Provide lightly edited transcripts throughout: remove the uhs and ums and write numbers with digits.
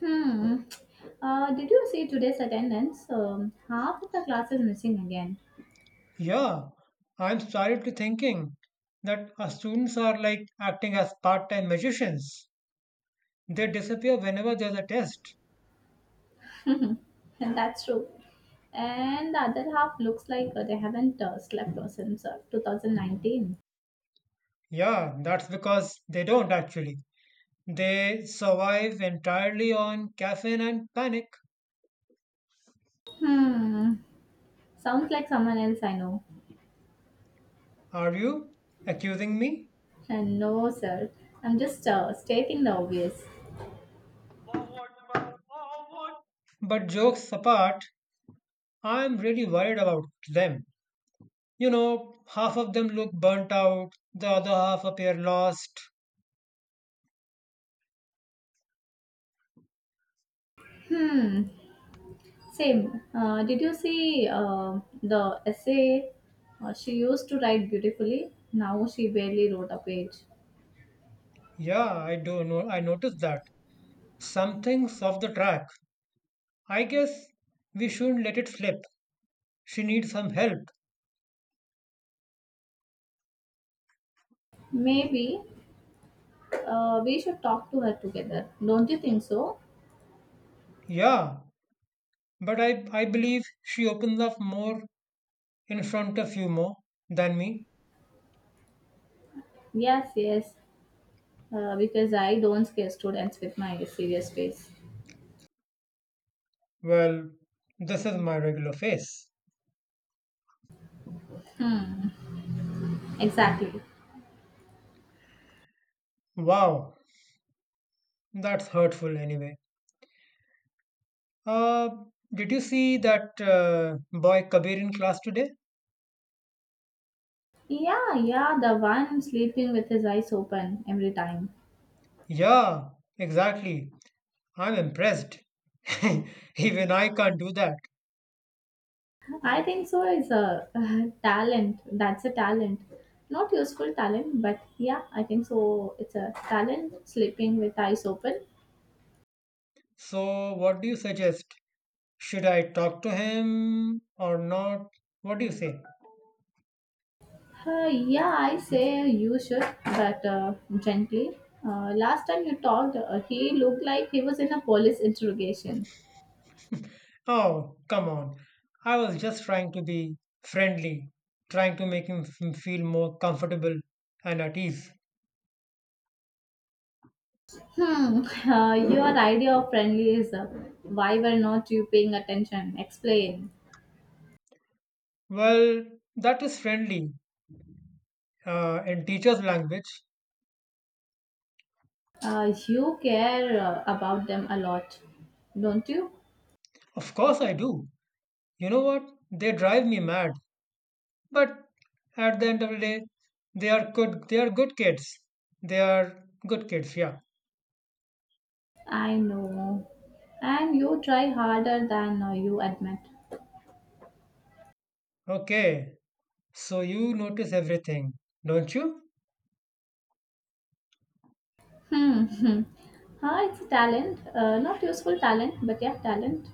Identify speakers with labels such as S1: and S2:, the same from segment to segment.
S1: Hmm. Did you see today's attendance? Half of the class is missing again.
S2: Yeah, I'm started to thinking that our students are like acting as part-time magicians. They disappear whenever there's a test.
S1: And that's true. And the other half looks like they haven't slept since 2019.
S2: Yeah, that's because they don't actually. They survive entirely on caffeine and panic.
S1: Hmm. Sounds like someone else I know.
S2: Are you accusing me?
S1: And no, sir. I'm just stating the obvious.
S2: But jokes apart, I'm really worried about them. You know, half of them look burnt out, the other half appear lost.
S1: Hmm. Same. Did you see the essay? She used to write beautifully. Now she barely wrote a page.
S2: Yeah, I do know. I noticed that. Something's off the track. I guess we shouldn't let it slip. She needs some help.
S1: Maybe we should talk to her together. Don't you think so?
S2: Yeah, but I believe she opens up more in front of you more than me.
S1: Yes, yes. Because I don't scare students with my serious face.
S2: Well, this is my regular face.
S1: Exactly.
S2: Wow, that's hurtful anyway. Uh, did you see that boy Kabir in class today?
S1: Yeah, yeah, the one sleeping with his eyes open every time.
S2: Yeah, exactly. I'm impressed. Even I can't do that.
S1: I think so is a talent. That's a talent. Not useful talent, but yeah, I think so. It's a talent sleeping with eyes open.
S2: So, what do you suggest? Should I talk to him or not? What do you say?
S1: Yeah, I say you should, but gently. Last time you talked, he looked like he was in a police interrogation.
S2: Oh, come on. I was just trying to be friendly, trying to make him feel more comfortable and at ease.
S1: Hmm, your idea of friendly is why were not you paying attention? Explain.
S2: Well, that is friendly in teacher's language.
S1: You care about them a lot, don't you?
S2: Of course, I do. You know what? They drive me mad. But at the end of the day, they are good. They are good kids. They are good kids. Yeah.
S1: I know. And you try harder than you admit.
S2: Okay. So you notice everything, don't you?
S1: Hmm. Ah, it's a talent. Not useful talent, but yeah, talent.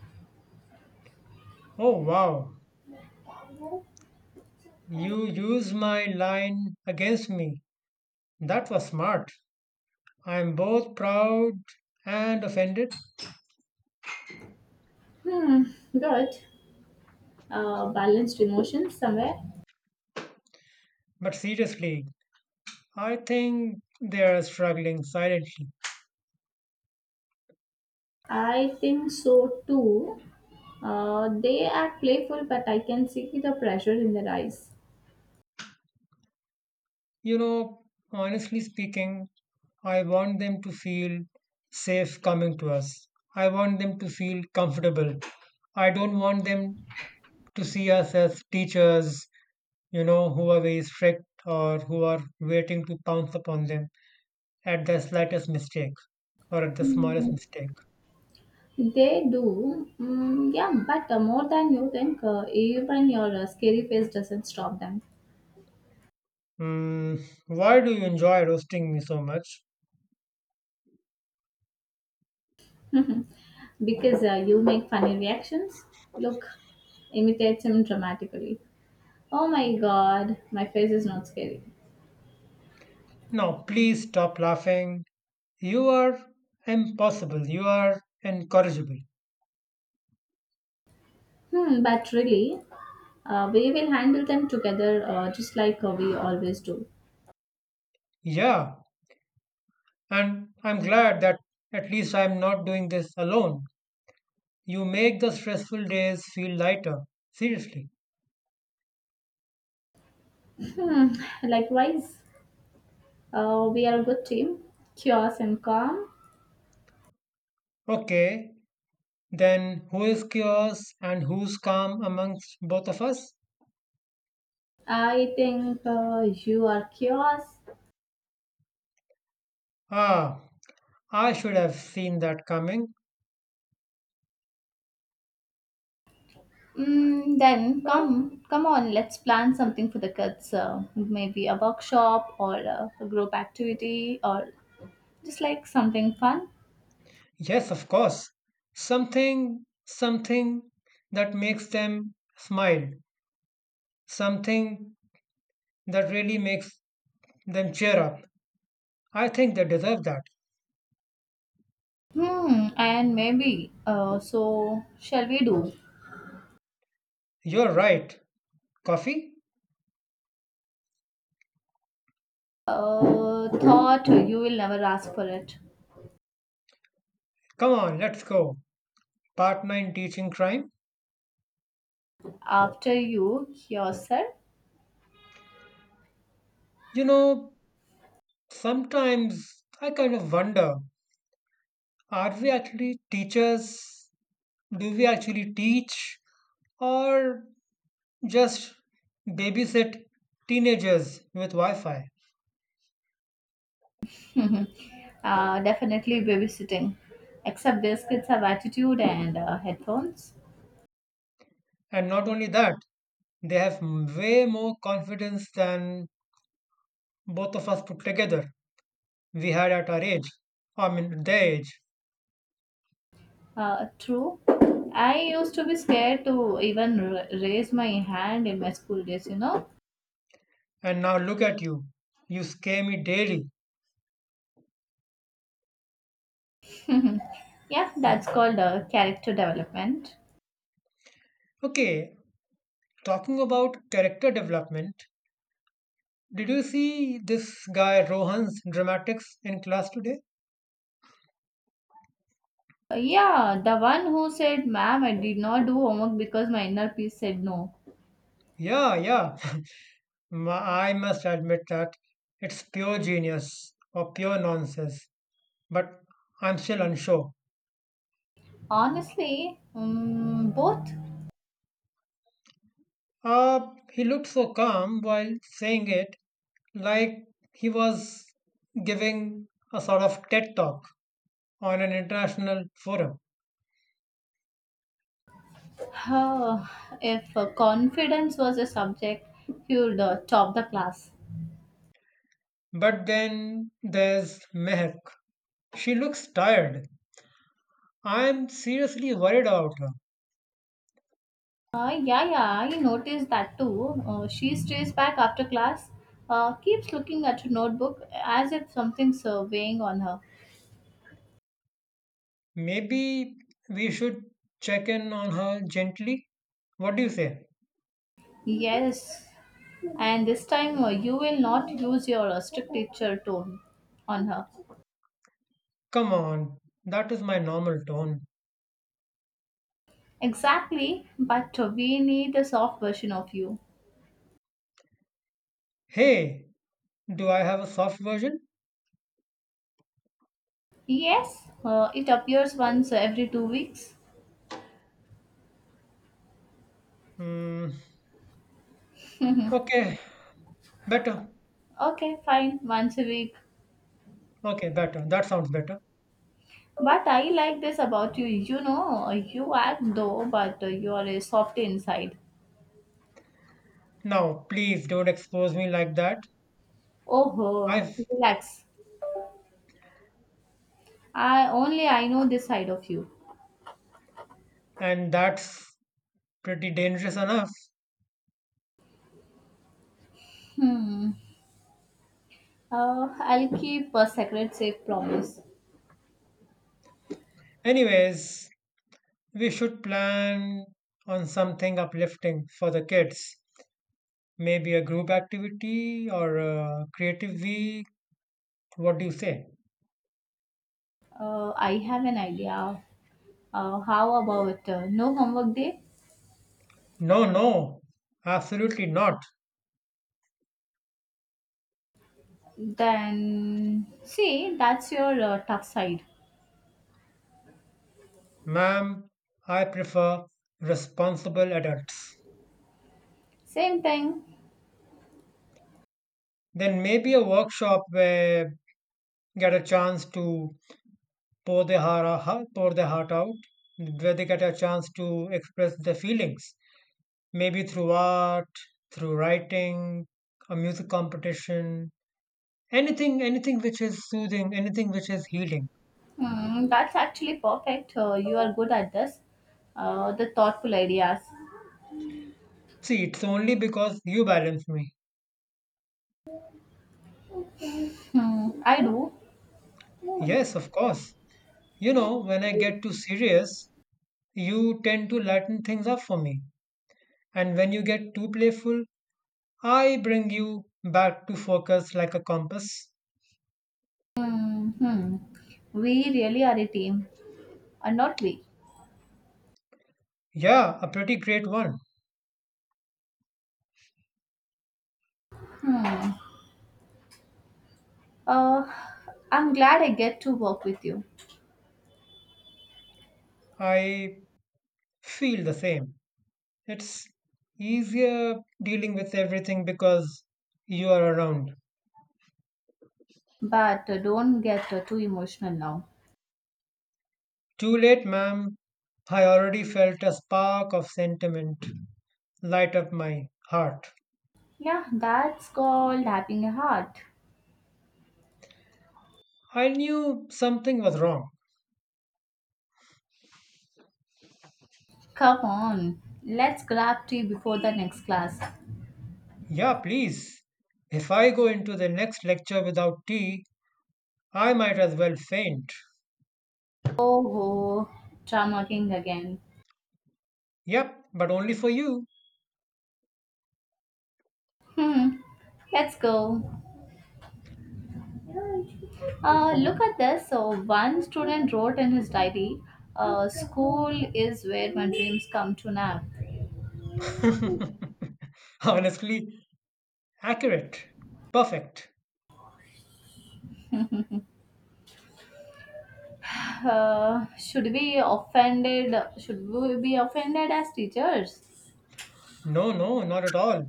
S2: Oh, wow. You used my line against me. That was smart. I am both proud and offended.
S1: Hmm. Good. Balanced emotions somewhere.
S2: But seriously, I think they are struggling silently.
S1: I think so too. They are playful, but I can see the pressure in their eyes.
S2: You know, honestly speaking, I want them to feel safe coming to us. I want them to feel comfortable. I don't want them to see us as teachers, you know, who are very strict or who are waiting to pounce upon them at the slightest mistake. Or at the smallest
S1: Hmm.
S2: mistake.
S1: They do, mm, yeah, but more than you think, even your scary face doesn't stop them
S2: Mm, why do you enjoy roasting me so much?
S1: because you make funny reactions. Look, imitates him dramatically. Oh my god, my face is not scary.
S2: Now, please stop laughing. You are impossible. You are incorrigible.
S1: Hmm, but really, we will handle them together just like we always do.
S2: Yeah, and I'm glad that at least I'm not doing this alone. You make the stressful days feel lighter. Seriously.
S1: Hmm, likewise, we are a good team, chaos and calm.
S2: Okay, then who is chaos and who's calm amongst both of us?
S1: I think you are chaos.
S2: Ah, I should have seen that coming.
S1: Mm, then come on, let's plan something for the kids. Maybe a workshop or a group activity or just like something fun.
S2: Yes, of course. Something, something that makes them smile, something that really makes them cheer up. I think they deserve that.
S1: Hmm, and maybe. So shall we do?
S2: You're right. Coffee?
S1: Thought you will never ask for it.
S2: Come on, let's go. Part 9 teaching crime.
S1: After you yourself.
S2: You know, sometimes I kind of wonder, are we actually teachers? Do we actually teach? Or just babysit teenagers with Wi Fi?
S1: Mhm. Definitely babysitting. Except these kids have attitude and headphones.
S2: And not only that, they have way more confidence than both of us put together. We had at our age. I mean, their age.
S1: True. I used to be scared to even raise my hand in my school days, you know.
S2: And now look at you. You scare me daily.
S1: Yeah, that's called character development.
S2: Okay, talking about character development, did you see this guy Rohan's dramatics in class today?
S1: Yeah, the one who said, Ma'am, I did not do homework because my inner peace said no.
S2: Yeah, yeah. I must admit that it's pure genius or pure nonsense. But I'm still unsure.
S1: Honestly, both.
S2: Uh, he looked so calm while saying it, like he was giving a sort of TED talk on an international forum.
S1: Uh, if confidence was a subject, he would top the class.
S2: But then there's Mehak. She looks tired. I'm seriously worried about her.
S1: Yeah, yeah, I noticed that too. She stays back after class, keeps looking at her notebook as if something's weighing on her.
S2: Maybe we should check in on her gently. What do you say?
S1: Yes, and this time you will not use your strict teacher tone on her.
S2: Come on, that is my normal tone.
S1: Exactly, but we need a soft version of you.
S2: Hey, do I have a soft version?
S1: Yes, it appears once every 2 weeks.
S2: Hmm, okay, better.
S1: Okay, fine, once a week.
S2: Okay, better. That sounds better.
S1: But I like this about you. You know, you act though, but you are a soft inside.
S2: Now, please don't expose me like that.
S1: Oh,
S2: I've,
S1: relax. I know this side of you.
S2: and that's pretty dangerous enough.
S1: Hmm. I'll keep a secret safe promise.
S2: Anyways, we should plan on something uplifting for the kids. Maybe a group activity or a creative week. What do you say?
S1: I have an idea. How about no homework day?
S2: No, no, absolutely not.
S1: Then see, that's your tough side.
S2: Ma'am, I prefer responsible adults.
S1: Same thing.
S2: Then maybe a workshop where get a chance to pour their heart out, pour their heart out, where they get a chance to express their feelings, maybe through art, through writing, a music competition, anything, anything which is soothing, anything which is healing.
S1: Hmm, that's actually perfect. You are good at this. The thoughtful ideas.
S2: See, it's only because you balance me.
S1: Hmm, I do.
S2: Yes, of course. You know, when I get too serious, you tend to lighten things up for me. And when you get too playful, I bring you back to focus like a compass.
S1: Hmm. We really are a team, are not we?
S2: Yeah, a pretty great one.
S1: Uh, I'm glad I get to work with you,
S2: I feel the same. It's easier dealing with everything because you are around.
S1: but don't get too emotional now.
S2: Too late, ma'am. I already felt a spark of sentiment light up my heart.
S1: Yeah, that's called having a heart.
S2: I knew something was wrong.
S1: Come on, let's grab tea before the next class.
S2: Yeah, please. If I go into the next lecture without tea, I might as well faint.
S1: Oh, ho, drama king again.
S2: Yep, but only for you.
S1: Hmm, let's go. Look at this. So, one student wrote in his diary, School is where my dreams come to now.
S2: Honestly, accurate. Perfect.
S1: Uh, should we offended? Should we be offended as teachers?
S2: No, no, not at all.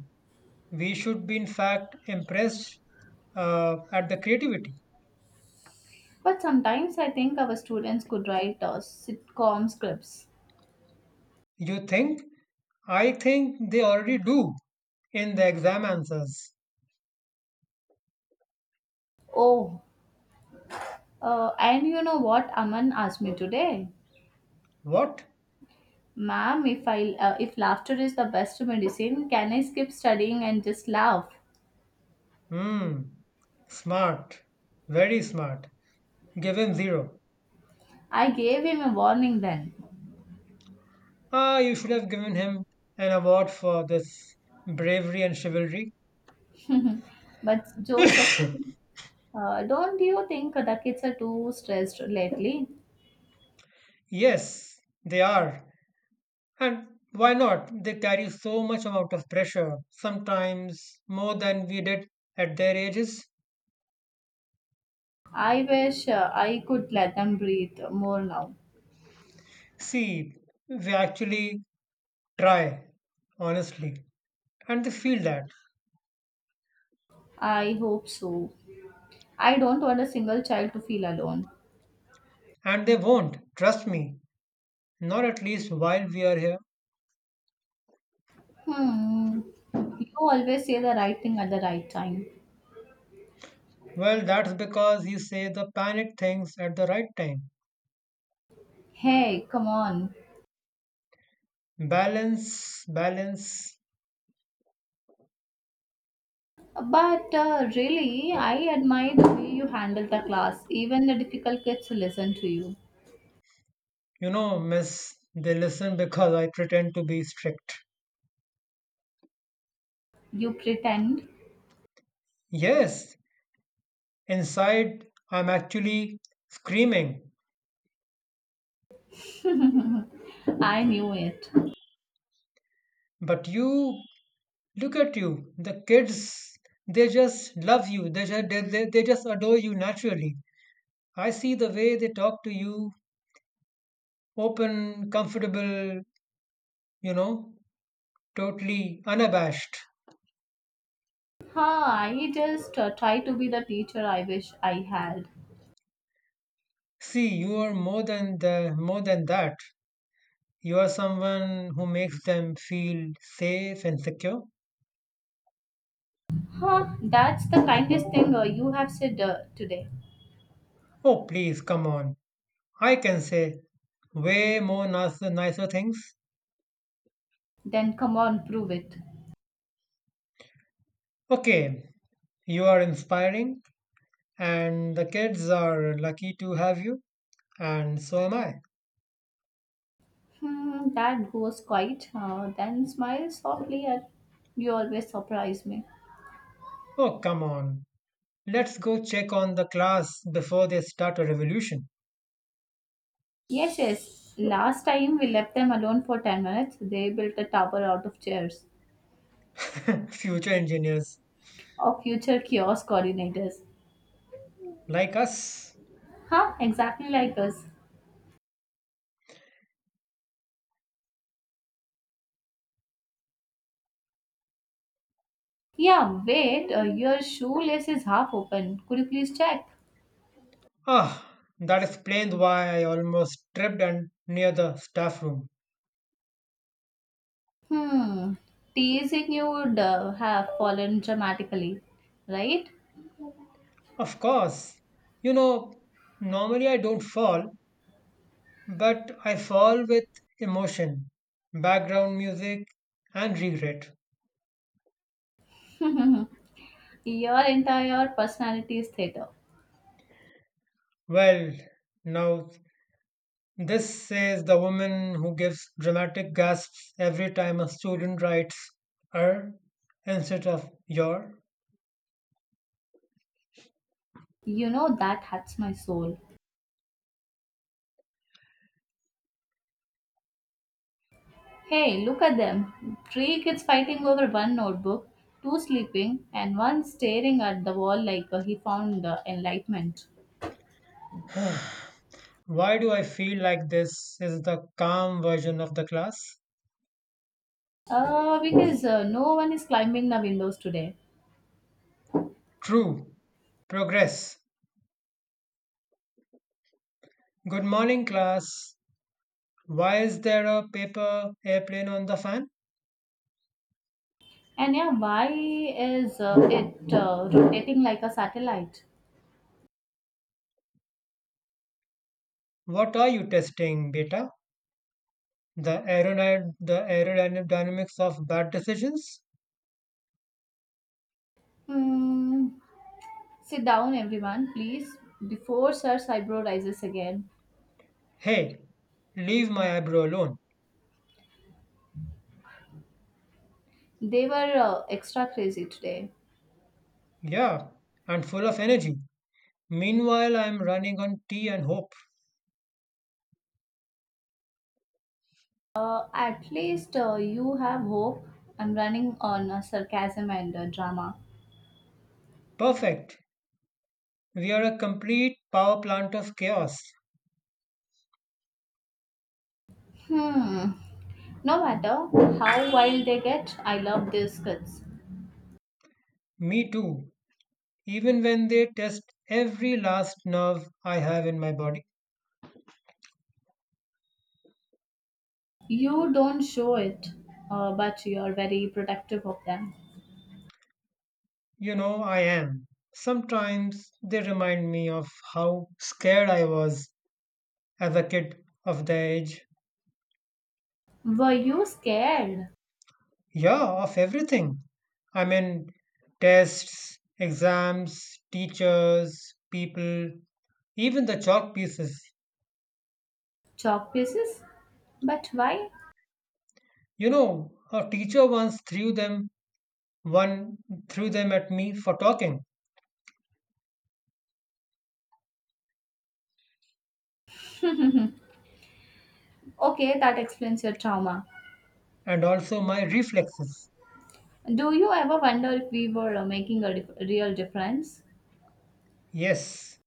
S2: We should be, in fact, impressed at the creativity.
S1: But sometimes I think our students could write sitcom scripts.
S2: You think? I think they already do in the exam answers.
S1: Oh, and you know what Aman asked me today?
S2: What?
S1: Ma'am, if laughter is the best medicine, can I skip studying and just laugh?
S2: Hmm. Smart. Very smart. Give him zero.
S1: I gave him a warning then.
S2: Ah, you should have given him an award for this bravery and chivalry.
S1: But jokes aside, don't you think the kids are too stressed lately?
S2: Yes, they are. And why not? They carry so much amount of pressure, sometimes more than we did at their ages.
S1: I wish I could let them breathe more now.
S2: See, they actually try, honestly, and they feel that.
S1: I hope so. I don't want a single child to feel alone.
S2: And they won't, trust me, not at least while we are here.
S1: Hmm. You always say the right thing at the right time.
S2: Well, that's because you say the panic things at the right time.
S1: Hey, come on.
S2: Balance, balance.
S1: But really, I admire the way you handle the class. Even the difficult kids listen to you.
S2: You know, miss, they listen because I pretend to be strict.
S1: You pretend.
S2: Yes, inside I'm actually screaming,
S1: I knew it.
S2: but you look at you, the kids, they just love you. They just, they just adore you naturally. I see the way they talk to you, open, comfortable, you know, totally unabashed.
S1: Huh, I just try to be the teacher I wish I had.
S2: See, you are more than the, more than that. You are someone who makes them feel safe and secure.
S1: Huh, that's the kindest thing you have said today.
S2: Oh, please, come on. I can say way more nicer, nicer things.
S1: Then come on, prove it.
S2: Okay, you are inspiring, and the kids are lucky to have you. And so am I.
S1: Hmm, Dad goes quiet, then smiles softly at you always surprise me.
S2: Oh, come on. Let's go check on the class before they start a revolution.
S1: Yes, yes. Last time we left them alone for 10 minutes, they built a tower out of chairs.
S2: Future engineers
S1: Of future kiosk coordinators.
S2: like us.
S1: Huh, exactly like us. Yeah, wait, your shoelace is half open. Could you please check?
S2: Ah, that explains why I almost tripped and near the staff room.
S1: Hmm, teasing you would have fallen dramatically, right?
S2: Of course. You know, normally I don't fall, but I fall with emotion, background music, and regret.
S1: Your entire personality is theater.
S2: Well, now this says the woman who gives dramatic gasps every time a student writes er instead of your.
S1: You know that hurts my soul. Hey, look at them. Three kids fighting over one notebook, two sleeping, and one staring at the wall like he found enlightenment.
S2: Why do I feel like this is the calm version of the class?
S1: Because no one is climbing the windows today.
S2: True. Progress. Good morning, class. Why is there a paper airplane on the fan?
S1: And yeah, why is it rotating like a satellite?
S2: What are you testing, beta? The aerodynamics of bad decisions?
S1: Hmm. Sit down, everyone, please, before Sir's eyebrow rises again.
S2: Hey, leave my eyebrow alone.
S1: They were extra crazy today.
S2: Yeah, and full of energy. Meanwhile, I am running on tea and hope.
S1: At least you have hope. I'm running on sarcasm and drama.
S2: Perfect. We are a complete power plant of chaos.
S1: Hmm. No matter how wild they get, I love these kids.
S2: Me too. Even when they test every last nerve I have in my body.
S1: You don't show it, but you're very protective of them.
S2: You know, I am. Sometimes they remind me of how scared I was as a kid of the age.
S1: Were you scared?
S2: Yeah, of everything. I mean, tests, exams, teachers, people, even the chalk pieces.
S1: Chalk pieces? But why?
S2: You know, a teacher once one threw them at me for talking
S1: Okay, that explains your trauma.
S2: and also my reflexes.
S1: Do you ever wonder if we were real difference?
S2: Yes.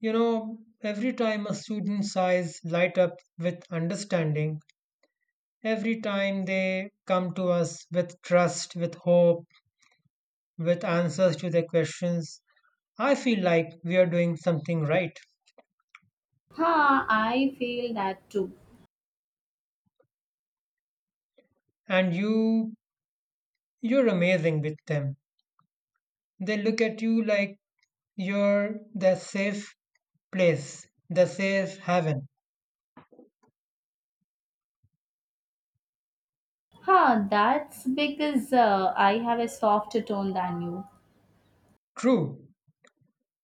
S2: You know, every time a student's eyes light up with understanding, every time they come to us with trust, with hope, with answers to their questions, I feel like we are doing something right.
S1: Huh, I feel that too.
S2: And you, you're amazing with them. They look at you like you're their safe place, the safe haven.
S1: Huh, that's because I have a softer tone than you.
S2: True,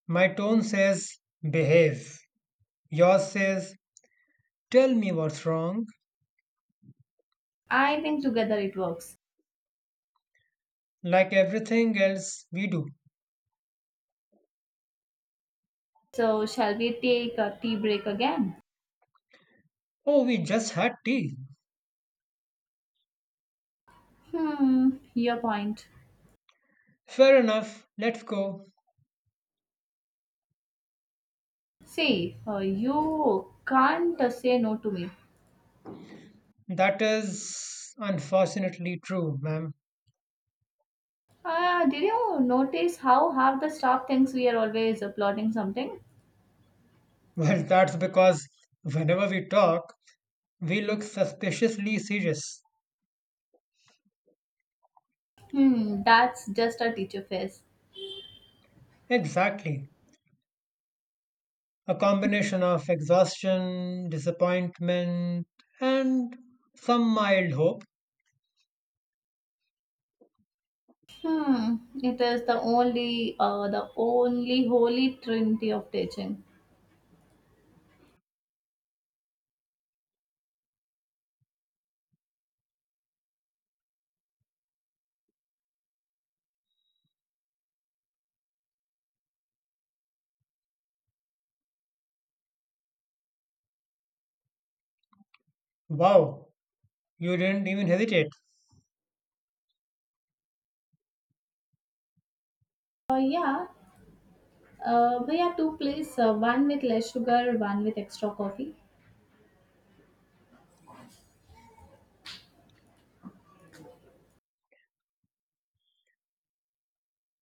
S2: my tone says behave. Yours says tell me what's wrong,
S1: I think together it works.
S2: like everything else we do.
S1: So, shall we take a tea break again?
S2: Oh, we just had tea.
S1: Hmm, your point.
S2: Fair enough, let's go.
S1: See, you can't say no to me.
S2: That is unfortunately true, ma'am.
S1: Ah, did you notice how half the staff thinks we are always applauding something?
S2: Well, that's because whenever we talk, we look suspiciously serious.
S1: Hmm, that's just a teacher face.
S2: Exactly. A combination of exhaustion, disappointment, and some mild hope.
S1: Hmm, it is the only holy trinity of teaching.
S2: Wow, you didn't even hesitate.
S1: Yeah, we have two plates, one with less sugar, one with extra coffee.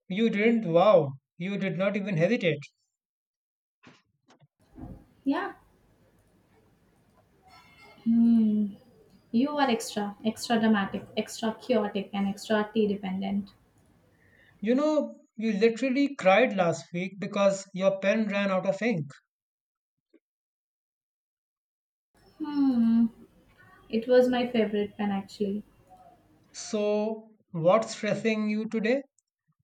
S2: You didn't, wow, you did not even hesitate.
S1: Yeah. Hmm. You are extra, extra dramatic, extra chaotic, and extra tea dependent.
S2: You know, you literally cried last week because your pen ran out of ink.
S1: Hmm, it was my favorite pen actually.
S2: So, what's stressing you today?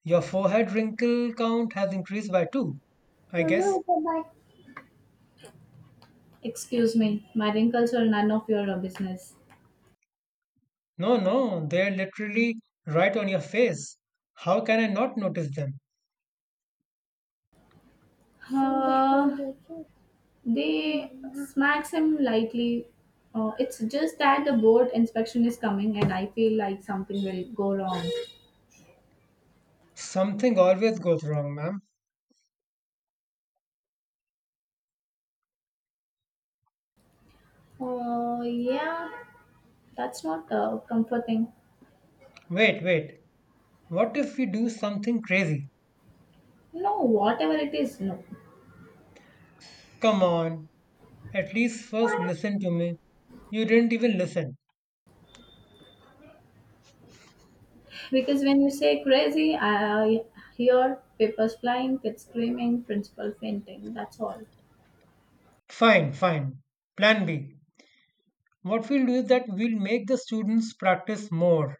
S2: Your forehead wrinkle count has increased by two, I
S1: Mama,
S2: guess.
S1: it's about Excuse me, my wrinkles are none of your business.
S2: No, no, they're literally right on your face. How can I not notice them?
S1: देखो they smacks him lightly. It's just that the board inspection is coming and I feel like something will go wrong.
S2: Something always goes wrong, ma'am.
S1: Oh, yeah, that's not comforting.
S2: Wait, wait. What if we do something crazy?
S1: No, whatever it is, no.
S2: Come on, at least first listen to me. You didn't even listen.
S1: Because when you say crazy, I hear papers flying, kids screaming, principal fainting. That's all.
S2: Fine, fine. Plan B. What we'll do is that we'll make the students practice more.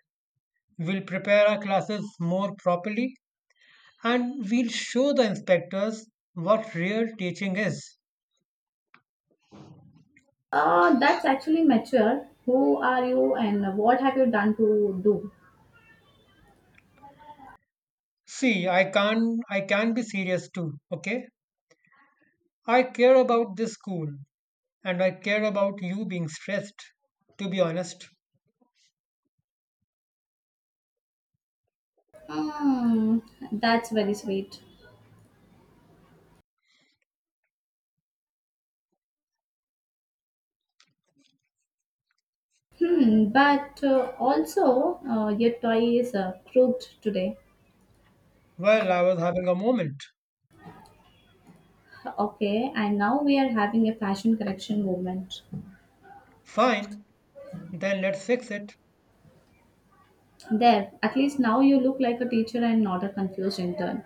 S2: We'll prepare our classes more properly and we'll show the inspectors what real teaching is.
S1: That's actually mature. Who are you and what have you done to do?
S2: See, I can't I can be serious too, okay? I care about this school and I care about you being stressed, to be honest.
S1: Hmm, that's very sweet. Hmm, but also, your toy is crooked today.
S2: Well, I was having a moment.
S1: Okay, and now we are having a fashion correction movement.
S2: Fine, then let's fix it.
S1: There, at least now you look like a teacher and not a confused intern.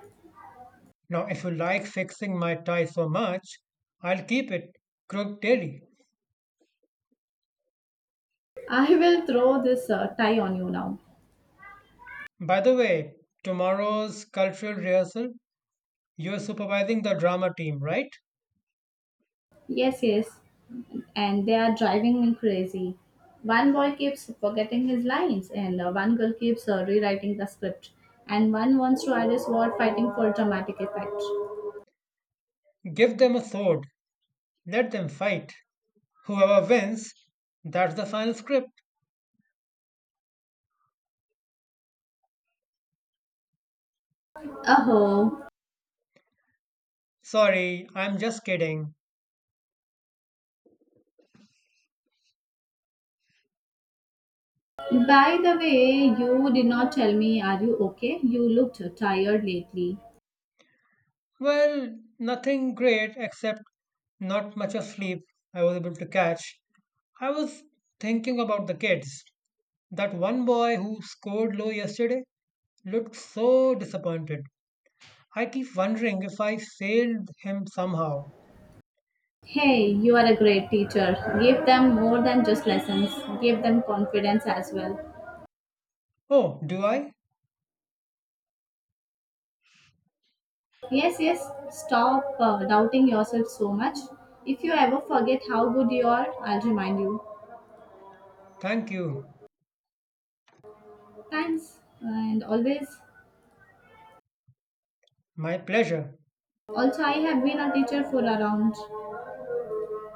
S2: Now, if you like fixing my tie so much, I'll keep it crooked daily.
S1: I will throw this tie on you now.
S2: By the way, tomorrow's cultural rehearsal, you're supervising the drama team, right?
S1: Yes, yes. And they are driving me crazy. One boy keeps forgetting his lines, and one girl keeps rewriting the script. And one wants to add his word fighting for dramatic effect.
S2: Give them a sword, let them fight. Whoever wins, that's the final script.
S1: Oh,
S2: Sorry, I'm just kidding.
S1: by the way, you did not tell me, are you okay? You looked tired lately.
S2: Well, nothing great except not much of sleep I was able to catch. I was thinking about the kids. That one boy who scored low yesterday, looked so disappointed. I keep wondering if I failed him somehow.
S1: Hey, you are a great teacher. Give them more than just lessons, give them confidence as well.
S2: Oh, do I?
S1: Yes, yes, stop doubting yourself so much. If you ever forget how good you are, I'll remind you.
S2: Thank you.
S1: Thanks, and always.
S2: My pleasure.
S1: Also, I have been a teacher for around